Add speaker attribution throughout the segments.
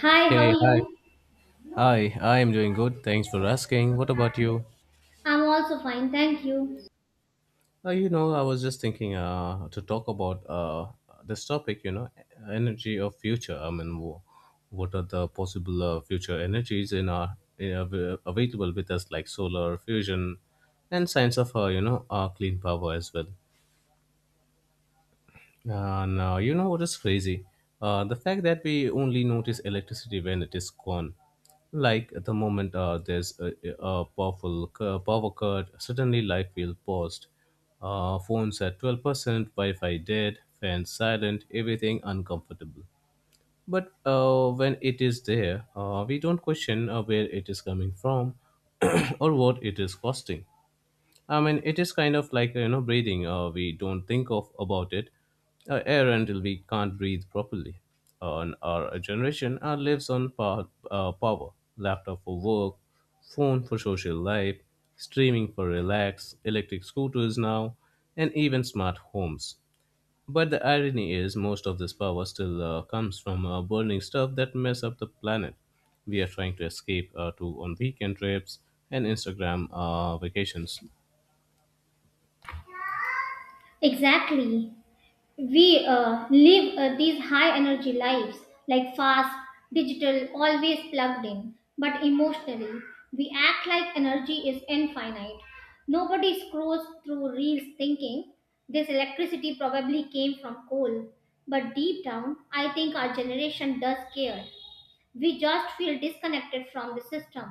Speaker 1: Hi, how are
Speaker 2: Hey, hi.
Speaker 1: you?
Speaker 2: Hi, I am doing good. Thanks for asking. What about you?
Speaker 1: I'm also fine, thank you.
Speaker 2: You know, I was just thinking to talk about this topic, you know, energy of future. I mean, what are the possible future energies in available with us, like solar fusion and science of, you know, clean power as well. No, you know what is crazy? The fact that we only notice electricity when it is gone. Like at the moment a powerful power cut, suddenly life feels paused. Phones at 12%, Wi-Fi dead, fans silent, everything uncomfortable. But when it is there, we don't question where it is coming from or what it is costing. I mean, it is kind of like you know breathing. We don't think of about it air until we can't breathe properly. On our generation, our lives on power, laptop for work, phone for social life, streaming for relax, electric scooters now, and even smart homes. But the irony is, most of this power still comes from burning stuff that mess up the planet. We are trying to escape to on weekend trips and Instagram vacations.
Speaker 1: Exactly. We live these high energy lives, like fast, digital, always plugged in. But emotionally, we act like energy is infinite. Nobody scrolls through reels thinking this electricity probably came from coal. But deep down, I think our generation does care. We just feel disconnected from the system.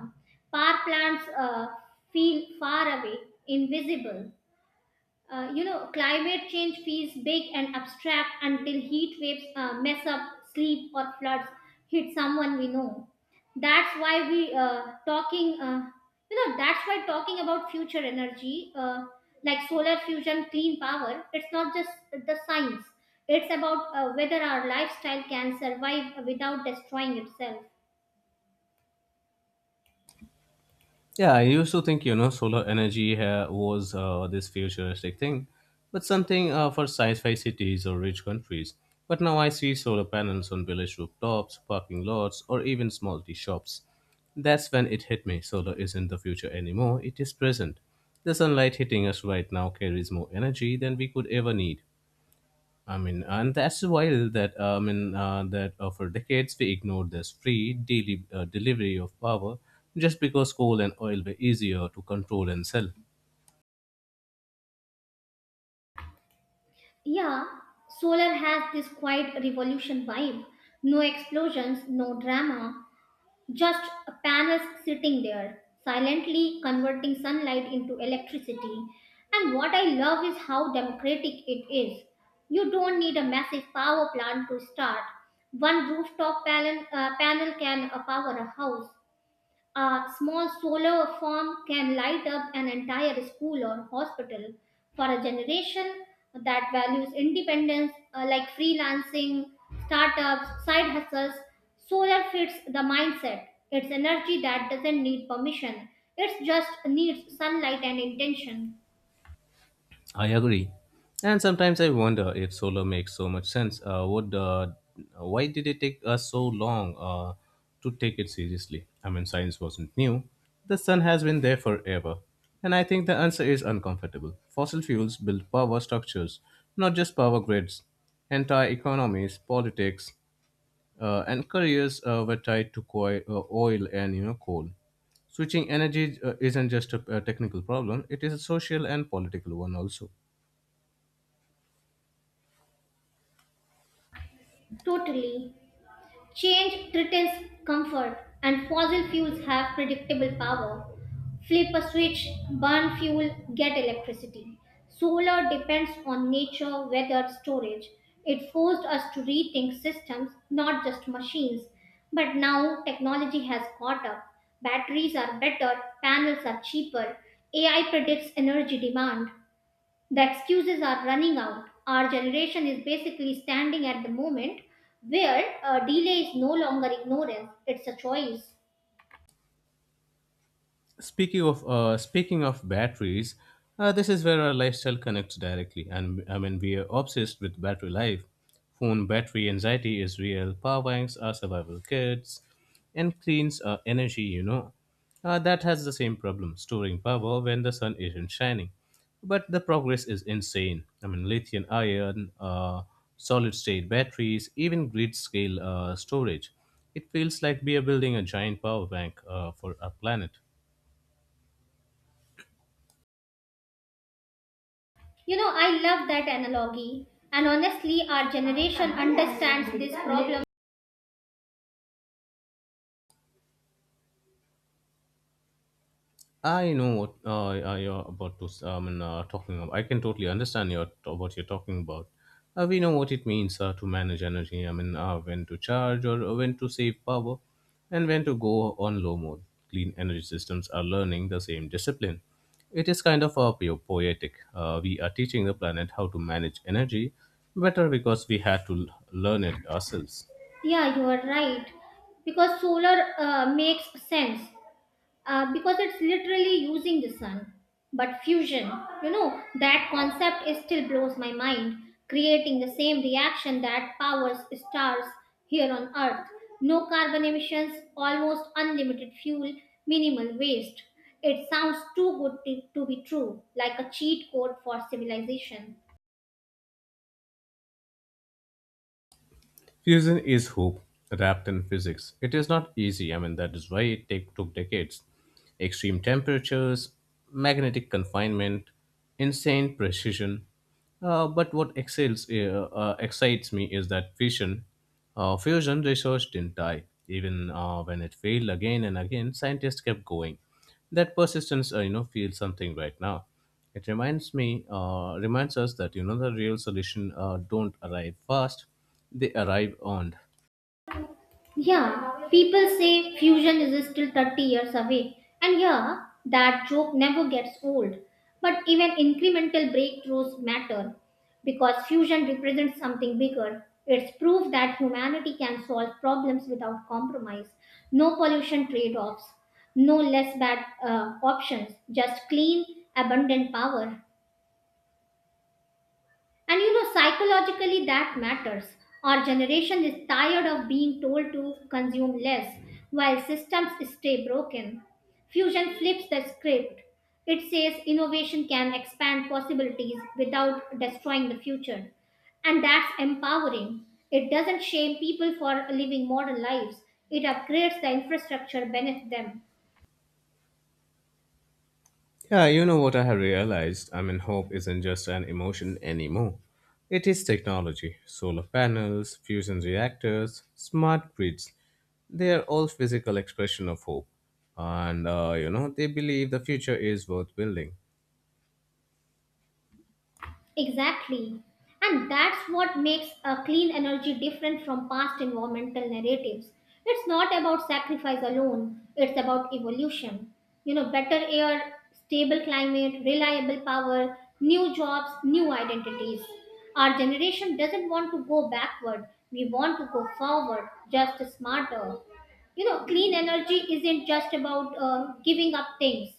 Speaker 1: Power plants feel far away, invisible. Climate change feels big and abstract until heat waves mess up sleep or floods hit someone we know. That's why we that's why talking about future energy, like solar fusion, clean power. It's not just the science. It's about whether our lifestyle can survive without destroying itself.
Speaker 2: Yeah, I used to think, you know, solar energy was this futuristic thing, but something for sci-fi cities or rich countries. But now I see solar panels on village rooftops, parking lots, or even small tea shops. That's when it hit me. Solar isn't the future anymore, it is present. The sunlight hitting us right now carries more energy than we could ever need. I mean, and that's wild that for decades we ignored this free daily delivery of power just because coal and oil were easier to control and sell.
Speaker 1: Yeah, solar has this quiet revolution vibe. No explosions, no drama, just panels sitting there, silently converting sunlight into electricity. And what I love is how democratic it is. You don't need a massive power plant to start. One rooftop panel can power a house. A small solar farm can light up an entire school or hospital for a generation that values independence like freelancing, startups, side hustles. Solar fits the mindset. It's energy that doesn't need permission, it just needs sunlight and intention.
Speaker 2: I agree. And sometimes I wonder if solar makes so much sense. Would Why did it take us so long to take it seriously? I mean, science wasn't new. The sun has been there forever, and I think the answer is uncomfortable. Fossil fuels build power structures, not just power grids. Entire economies, politics, and careers were tied to oil and you know coal. Switching energy isn't just a technical problem; it is a social and political one also.
Speaker 1: Totally. Change threatens comfort, and fossil fuels have predictable power. Flip a switch, burn fuel, get electricity. Solar depends on nature, weather, storage. It forced us to rethink systems, not just machines. But now technology has caught up. Batteries are better, panels are cheaper, AI predicts energy demand. The excuses are running out. Our generation is basically standing at the moment where delay is no longer ignorance, it's a choice.
Speaker 2: Speaking of batteries, this is where our lifestyle connects directly, and I mean we are obsessed with battery life. Phone battery anxiety is real. Power banks are survival kits, and cleans are energy. You know, that has the same problem: storing power when the sun isn't shining. But the progress is insane. I mean, lithium ion, solid state batteries, even grid scale storage. It feels like we are building a giant power bank for our planet.
Speaker 1: You know, I love that analogy. And honestly, our generation understands this problem.
Speaker 2: I know what you're about to. S- I mean, talking. About. I can totally understand your what you're talking about. We know what it means to manage energy. I mean, when to charge or when to save power, and when to go on low mode. Clean energy systems are learning the same discipline. It is kind of poetic. We are teaching the planet how to manage energy better because we had to learn it ourselves.
Speaker 1: Yeah, you are right. Because solar makes sense, because it's literally using the sun. But fusion, you know, that concept is still blows my mind, creating the same reaction that powers stars here on Earth. No carbon emissions, almost unlimited fuel, minimal waste. It sounds too good to be true, like a cheat code for civilization.
Speaker 2: Fusion is hope wrapped in physics. It is not easy. I mean, that is why took decades. Extreme temperatures, magnetic confinement, insane precision. Excites me is that fusion research didn't die. Even when it failed again and again, scientists kept going. That persistence, you know, feels something right now. Reminds us that you know the real solution don't arrive fast; they arrive on.
Speaker 1: Yeah, people say fusion is still 30 years away. And yeah, that joke never gets old. But even incremental breakthroughs matter because fusion represents something bigger. It's proof that humanity can solve problems without compromise. No pollution trade offs, no less bad options, just clean, abundant power. And you know, psychologically that matters. Our generation is tired of being told to consume less while systems stay broken. Fusion flips the script. It says innovation can expand possibilities without destroying the future. And that's empowering. It doesn't shame people for living modern lives, it upgrades the infrastructure beneath them.
Speaker 2: Yeah, you know what I have realized. I mean, hope isn't just an emotion anymore. It is technology. Solar panels, fusion reactors, smart grids. They are all physical expression of hope, and you know they believe the future is worth building.
Speaker 1: Exactly. And that's what makes a clean energy different from past environmental narratives. It's not about sacrifice alone, it's about evolution. You know, better air, stable climate, reliable power, new jobs, new identities. Our generation doesn't want to go backward, we want to go forward, just smarter. You know, clean energy isn't just about giving up things,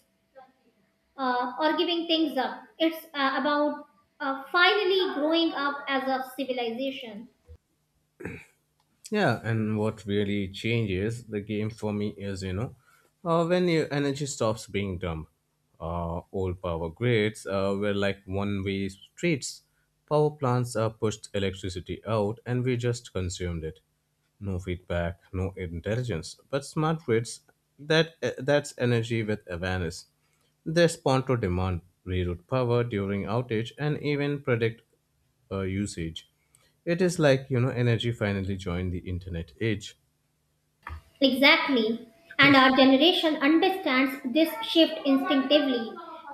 Speaker 1: or giving things up. It's about finally growing up as a civilization.
Speaker 2: Yeah, and what really changes the game for me is, you know, when your energy stops being dumb. Old power grids were like one way streets. Power plants pushed electricity out and we just consumed it. No feedback, no intelligence, but smart grids that's energy with awareness. They respond to demand, reroute power during outage, and even predict usage. It is like you know energy finally joined the internet age.
Speaker 1: Exactly. And our generation understands this shift instinctively.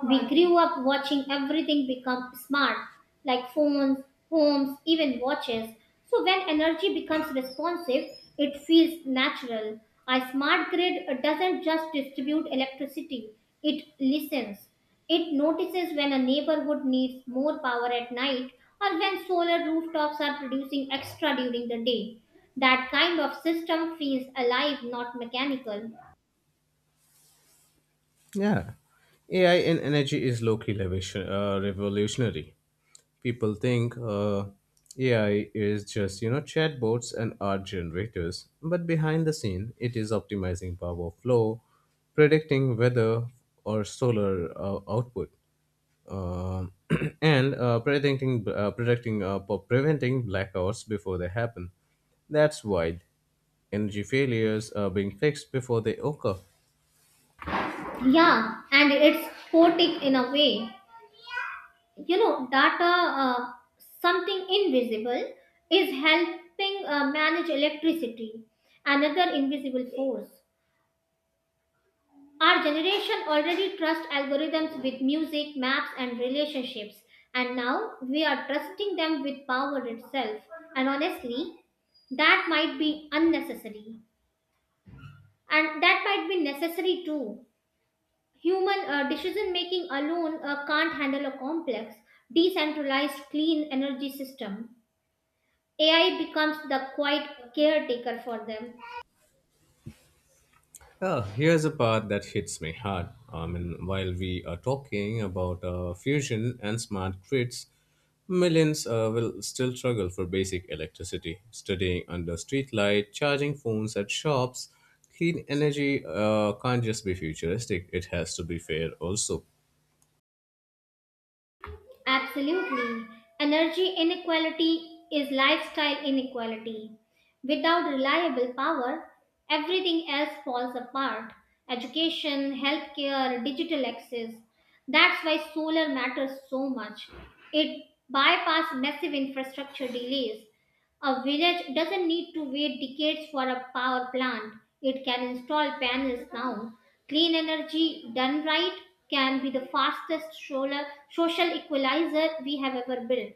Speaker 1: We grew up watching everything become smart, like phones, homes, even watches. So when energy becomes responsive, it feels natural. A smart grid doesn't just distribute electricity, it listens. It notices when a neighborhood needs more power at night or when solar rooftops are producing extra during the day. That kind of system feels alive, not mechanical.
Speaker 2: Yeah, AI in energy is revolutionary. People think AI is just you know chatbots and art generators, but behind the scene, it is optimizing power flow, predicting weather or solar output, um, and preventing blackouts before they happen. That's wild. Energy failures are being fixed before they occur.
Speaker 1: Yeah, and it's poetic in a way. You know, data, something invisible, is helping manage electricity, another invisible force. Our generation already trusts algorithms with music, maps, and relationships, and now we are trusting them with power itself. And honestly, that might be unnecessary, and that might be necessary too. Human decision making alone can't handle a complex, decentralized, clean energy system. AI becomes the quiet caretaker for them.
Speaker 2: Oh, here's a part that hits me hard. I mean, while we are talking about fusion and smart grids, millions will still struggle for basic electricity, studying under streetlight, charging phones at shops. Clean energy can't just be futuristic; it has to be fair also.
Speaker 1: Absolutely. Energy inequality is lifestyle inequality. Without reliable power, everything else falls apart education, healthcare, digital access. That's why solar matters so much. It bypasses massive infrastructure delays a village doesn't need to wait decades for a power plant. It can install panels now. Clean energy done right can be the fastest solar, social equalizer we have ever built.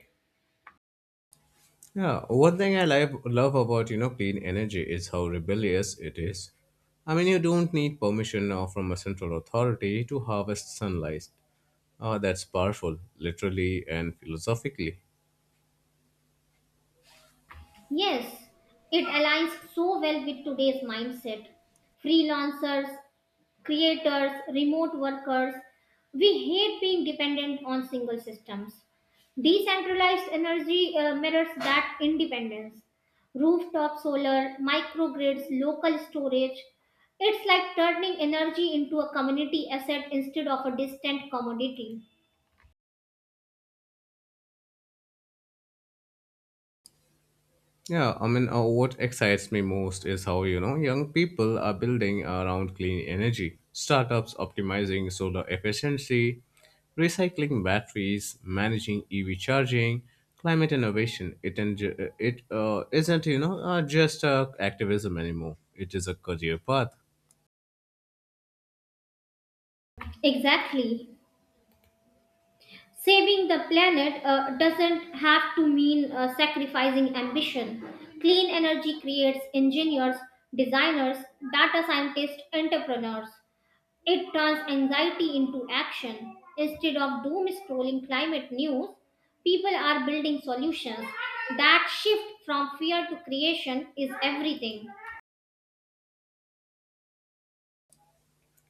Speaker 2: Yeah, one thing I love love about you know clean energy is how rebellious it is. I mean, you don't need permission now from a central authority to harvest sunlight. That's powerful, literally and philosophically.
Speaker 1: Yes, it aligns so well with today's mindset. Freelancers, creators, remote workers. We hate being dependent on single systems. Decentralized energy mirrors that independence. Rooftop solar, microgrids, local storage. It's like turning energy into a community asset instead of a distant commodity.
Speaker 2: Yeah, I mean, what excites me most is how, you know, young people are building around clean energy, startups optimizing solar efficiency, recycling batteries, managing EV charging, climate innovation. It, en- it isn't, you know, just activism anymore. It is a career path.
Speaker 1: Exactly. Saving the planet doesn't have to mean sacrificing ambition. Clean energy creates engineers, designers, data scientists, entrepreneurs. It turns anxiety into action. Instead of doom scrolling climate news, people are building solutions. That shift from fear to creation is everything.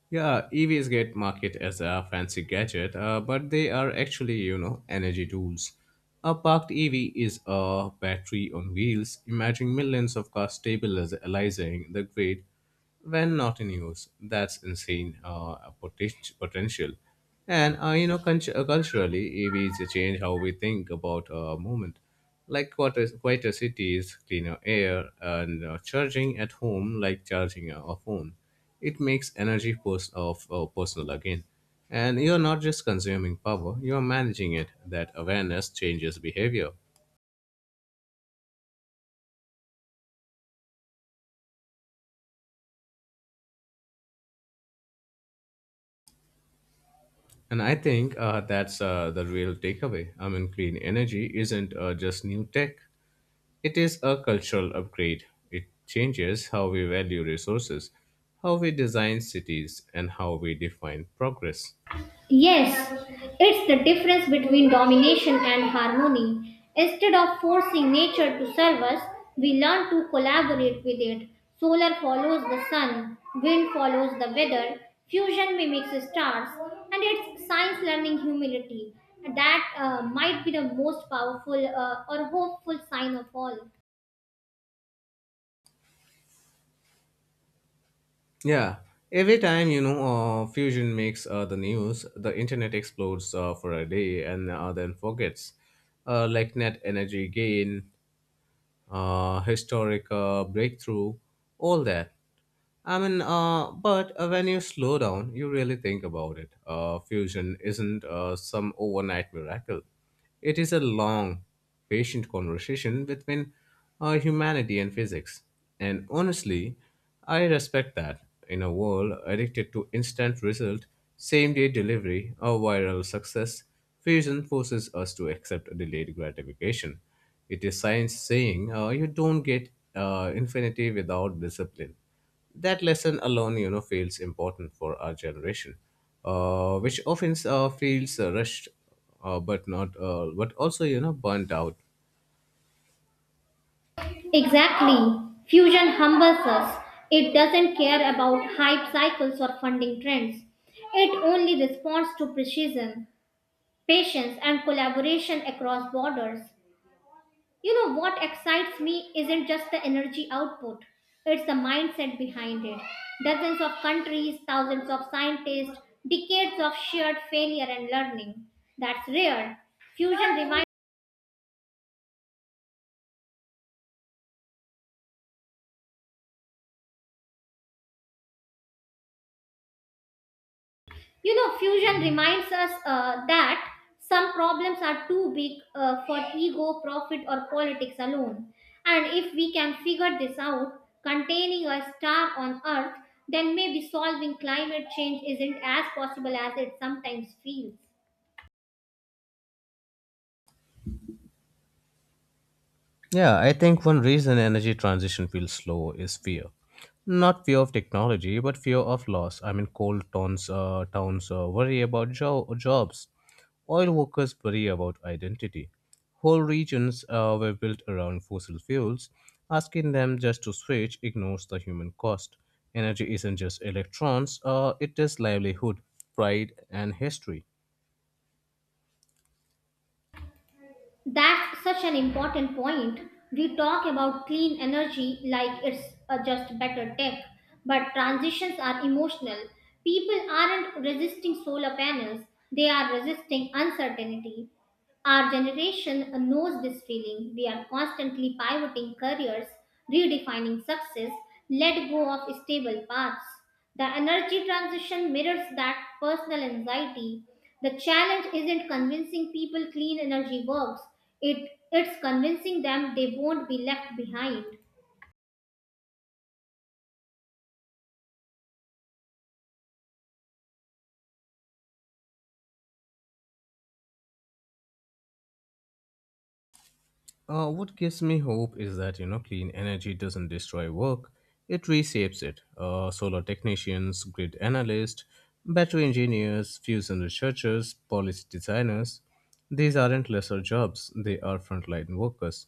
Speaker 2: Yeah, EVs get market as a fancy gadget, but they are actually, you know, energy tools. A parked EV is a battery on wheels. Imagine millions of cars stabilizing the grid when not in use. That's insane potential. And, you know, culturally, EVs change how we think about movement. Like quieter cities, cleaner air, and charging at home like charging a phone, it makes energy pers- of personal again. And you're not just consuming power, you're managing it. That awareness changes behavior. And I think that's the real takeaway. I mean, clean energy isn't just new tech, it is a cultural upgrade. It changes how we value resources, how we design cities, and how we define progress.
Speaker 1: Yes, it's the difference between domination and harmony. Instead of forcing nature to serve us, we learn to collaborate with it. Solar follows the sun, wind follows the weather, fusion mimics stars, and it's science learning humility. That might be the most powerful or hopeful sign of all.
Speaker 2: Yeah, every time you know fusion makes the news, the internet explodes for a day and then forgets. Like net energy gain, historic breakthrough, all that. I mean, but When you slow down, you really think about it. Fusion isn't some overnight miracle. It is a long, patient conversation between humanity and physics. And honestly, I respect that. In a world addicted to instant result, same day delivery, or viral success, fusion forces us to accept delayed gratification. It is science saying you don't get infinity without discipline, that lesson alone you know feels important for our generation which often feels rushed but not but also you know burnt out.
Speaker 1: Exactly. Fusion humbles us. It doesn't care about hype cycles or funding trends. It only responds to precision, patience, and collaboration across borders. You know what excites me isn't just the energy output, it's the mindset behind it. Dozens of countries, thousands of scientists, decades of shared failure and learning. That's rare. Fusion reminds fusion reminds us that some problems are too big for ego, profit, or politics alone. And if we can figure this out, containing a star on Earth, then maybe solving climate change isn't as possible as it sometimes feels.
Speaker 2: Yeah, I think one reason energy transition feels slow is fear. Not fear of technology, but fear of loss. I mean, towns worry about jobs. Oil workers worry about identity. Whole regions were built around fossil fuels. Asking them just to switch ignores the human cost. Energy isn't just electrons, it is livelihood, pride, and history.
Speaker 1: That's such an important point. We talk about clean energy like it's just better tech, but transitions are emotional. People aren't resisting solar panels, they are resisting uncertainty. Our generation knows this feeling. We are constantly pivoting careers, redefining success, let go of stable paths. The energy transition mirrors that personal anxiety. The challenge isn't convincing people clean energy works. It's convincing them they won't be left behind.
Speaker 2: What gives me hope is that you know clean energy doesn't destroy work; it reshapes it. Solar technicians, grid analysts, battery engineers, fusion researchers, policy designers—these aren't lesser jobs; they are frontline workers.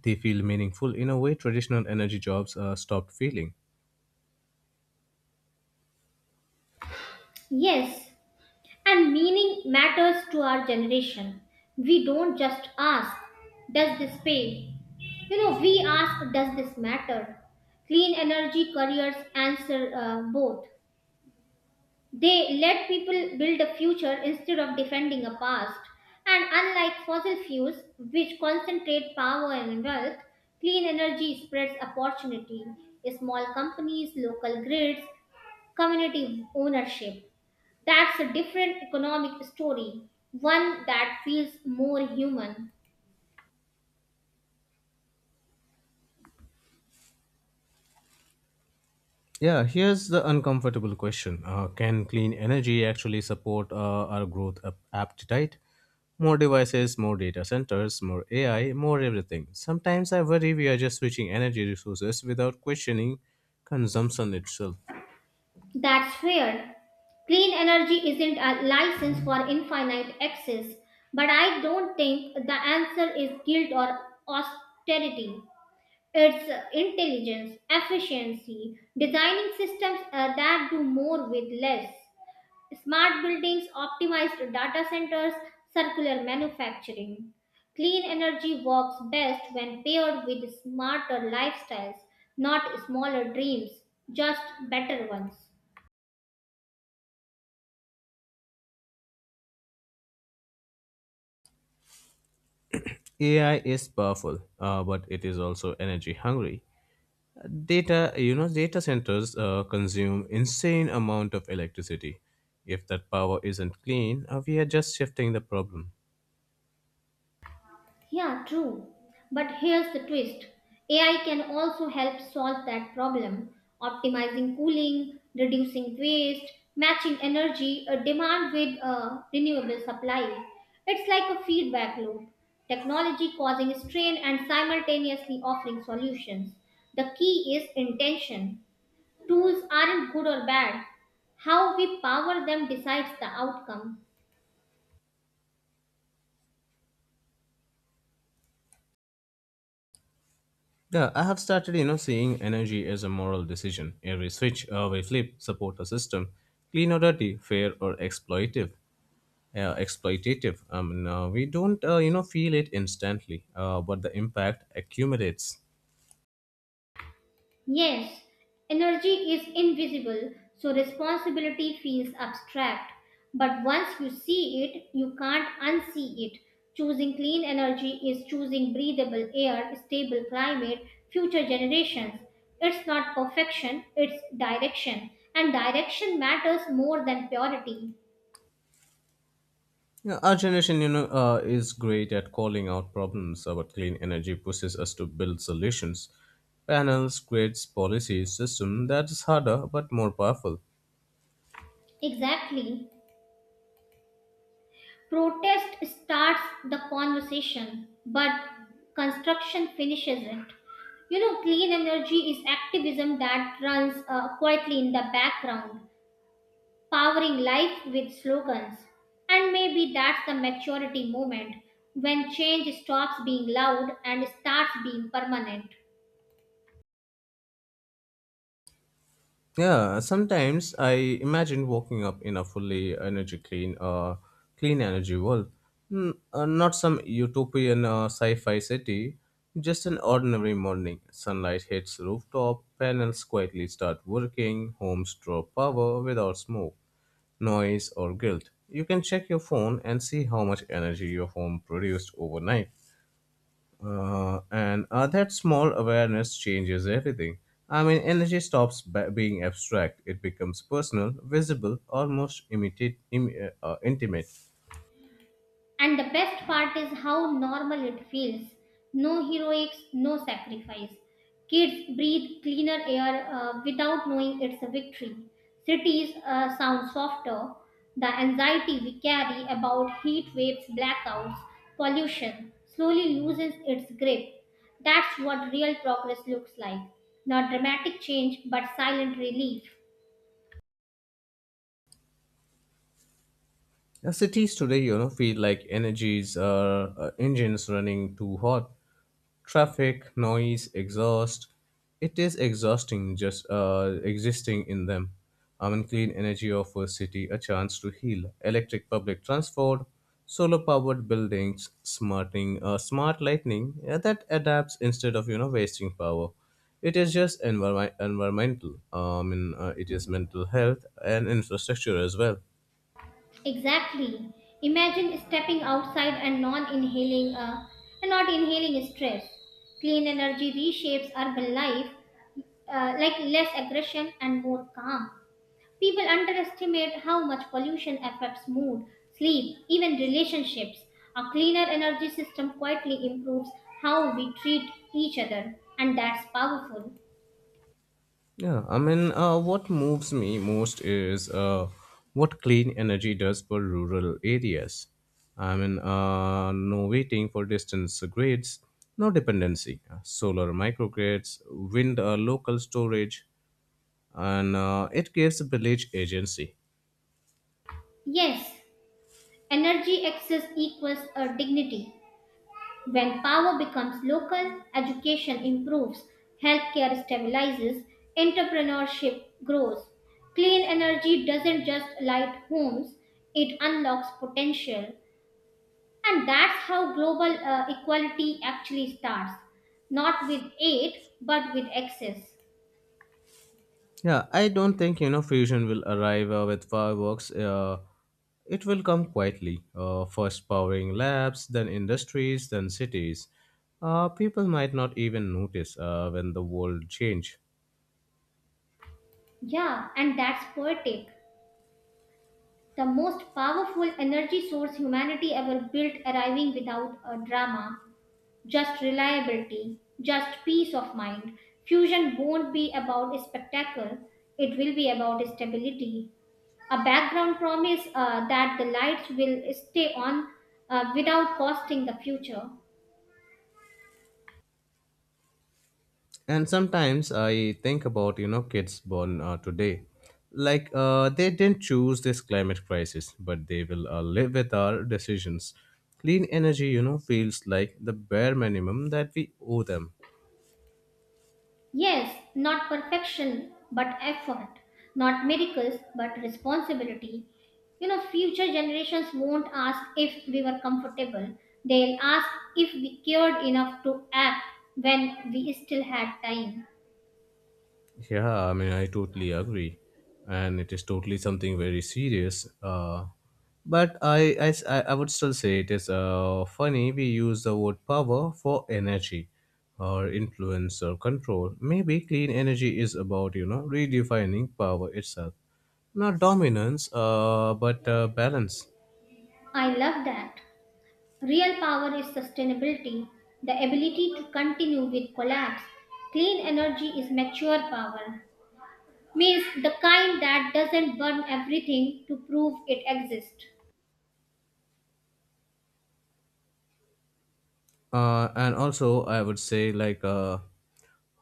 Speaker 2: They feel meaningful in a way traditional energy jobs stopped feeling.
Speaker 1: Yes, and meaning matters to our generation. We don't just ask, does this pay? You know, we ask, does this matter? Clean energy careers answer both. They let people build a future instead of defending a past. And unlike fossil fuels, which concentrate power and wealth, clean energy spreads opportunity. Small companies, local grids, community ownership. That's a different economic story, one that feels more human.
Speaker 2: Yeah, here's the uncomfortable question. Can clean energy actually support our growth appetite? More devices, more data centers, more AI, more everything. Sometimes I worry we are just switching energy resources without questioning consumption itself.
Speaker 1: That's fair. Clean energy isn't a license for infinite access, but I don't think the answer is guilt or austerity. It's intelligence, efficiency, designing systems that do more with less, smart buildings, optimized data centers, circular manufacturing. Clean energy works best when paired with smarter lifestyles, not smaller dreams, just better ones.
Speaker 2: AI is powerful, but it is also energy hungry. Data, you know, data centers consume insane amount of electricity. If that power isn't clean, we are just shifting the problem.
Speaker 1: Yeah, true. But here's the twist AI can also help solve that problem, optimizing cooling, reducing waste, matching energy demand with renewable supply. It's like a feedback loop technology causing strain and simultaneously offering solutions. The key is intention. Tools aren't good or bad, how we power them decides the outcome.
Speaker 2: Yeah, I have started, you know, seeing energy as a moral decision. Every switch, every flip, support a system, clean or dirty, fair or exploitative. We don't, you know, feel it instantly, but the impact accumulates.
Speaker 1: Yes, energy is invisible, so responsibility feels abstract. But once you see it, you can't unsee it. Choosing clean energy is choosing breathable air, stable climate, future generations. It's not perfection, it's direction. And direction matters more than purity.
Speaker 2: You our generation, you know, is great at calling out problems, but clean energy pushes us to build solutions. Panels, grids, policies, system that is harder but more powerful.
Speaker 1: Exactly. Protest starts the conversation, but construction finishes it. You know, clean energy is activism that runs quietly in the background, powering life with slogans. And maybe that's the maturity moment when change stops being loud and starts being permanent.
Speaker 2: Yeah, sometimes I imagine waking up in a fully clean energy world. Not some utopian sci-fi city, just an ordinary morning. Sunlight hits rooftop, panels quietly start working, homes draw power without smoke, noise, or guilt. You can check your phone and see how much energy your home produced overnight. And That small awareness changes everything. I mean, energy stops being abstract. It becomes personal, visible, almost intimate.
Speaker 1: And the best part is how normal it feels. No heroics, no sacrifice. Kids breathe cleaner air without knowing it's a victory. Cities sound softer. The anxiety we carry about heat waves, blackouts, pollution slowly loses its grip. That's what real progress looks like. Not dramatic change, but silent relief.
Speaker 2: Cities today, you know, feel like energies are engines running too hot. Traffic, noise, exhaust. It is exhausting just existing in them. I mean, clean energy offers city a chance to heal. Electric public transport, solar-powered buildings, smart lighting, yeah, that adapts instead of you know wasting power. It is just environmental. It is mental health and infrastructure as well.
Speaker 1: Exactly. Imagine stepping outside and not inhaling stress. Clean energy reshapes urban life like less aggression and more calm. People underestimate how much pollution affects mood, sleep, even relationships. A cleaner energy system quietly improves how we treat each other, and that's powerful.
Speaker 2: Yeah, I mean, what moves me most is what clean energy does for rural areas. No waiting for distance grids, no dependency, solar microgrids, wind local storage, and it gives village agency.
Speaker 1: Yes, energy excess equals a dignity. When power becomes local, education improves, healthcare stabilizes, entrepreneurship grows. Clean energy doesn't just light homes, it unlocks potential. And that's how global equality actually starts not with aid, but with access.
Speaker 2: Yeah, I don't think you know fusion will arrive with fireworks. It will come quietly, first powering labs, then industries, then cities. People might not even notice when the world change.
Speaker 1: Yeah, and that's poetic. The most powerful energy source humanity ever built, arriving without a drama, just reliability, just peace of mind. Fusion won't be about a spectacle, it will be about stability. A background promise that the lights will stay on without costing the future.
Speaker 2: And sometimes I think about you know kids born today, like they didn't choose this climate crisis, but they will live with our decisions. Clean energy, you know, feels like the bare minimum that we owe them.
Speaker 1: Yes, not perfection, but effort. Not miracles, but responsibility. You know, future generations won't ask if we were comfortable. They'll ask if we cared enough to act when we still had time.
Speaker 2: Yeah, I mean, I totally agree, and it is totally something very serious. But I, s- I would still say it is funny we use the word power for energy, or influence or control. Maybe clean energy is about you know redefining power itself, not dominance, but balance.
Speaker 1: I love that. Real power is sustainability, the ability to continue with collapse. Clean energy is mature power, means the kind that doesn't burn everything to prove it exists.
Speaker 2: And also, I would say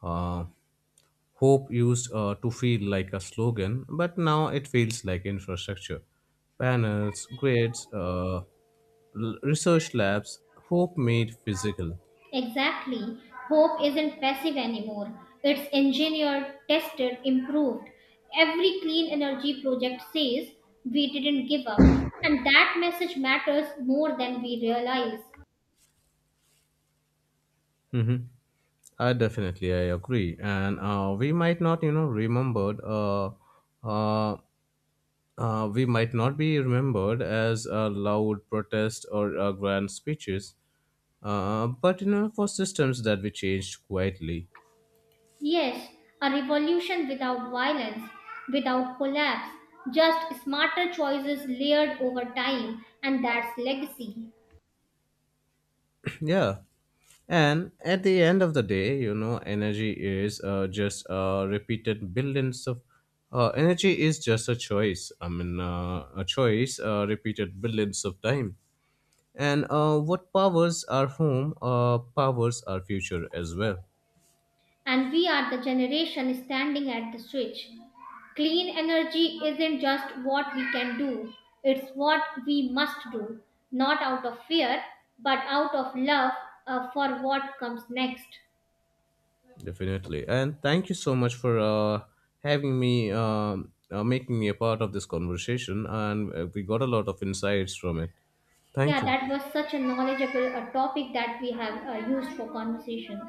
Speaker 2: uh, hope used to feel like a slogan, but now it feels like infrastructure. Panels, grids, research labs, hope made physical.
Speaker 1: Exactly. Hope isn't passive anymore. It's engineered, tested, improved. Every clean energy project says we didn't give up. And that message matters more than we realize.
Speaker 2: Hmm. I definitely I agree, and we might not you know remembered. Uh, we might not be remembered as a loud protest or grand speeches, but you know for systems that we changed quietly.
Speaker 1: Yes, a revolution without violence, without collapse, just smarter choices layered over time, and that's legacy.
Speaker 2: Yeah. And at the end of the day, you know, energy is just repeated billions of. Energy is just a choice. I mean, a choice repeated billions of time. And what powers our home powers our future as well,
Speaker 1: And we are the generation standing at the switch. Clean energy isn't just what we can do, it's what we must do, not out of fear, but out of love for what comes next.
Speaker 2: definitely. And thank you so much for having me, making me a part of this conversation. And we got a lot of insights from it. Thank
Speaker 1: Yeah,
Speaker 2: you.
Speaker 1: that was such a knowledgeable topic that we have used for conversation.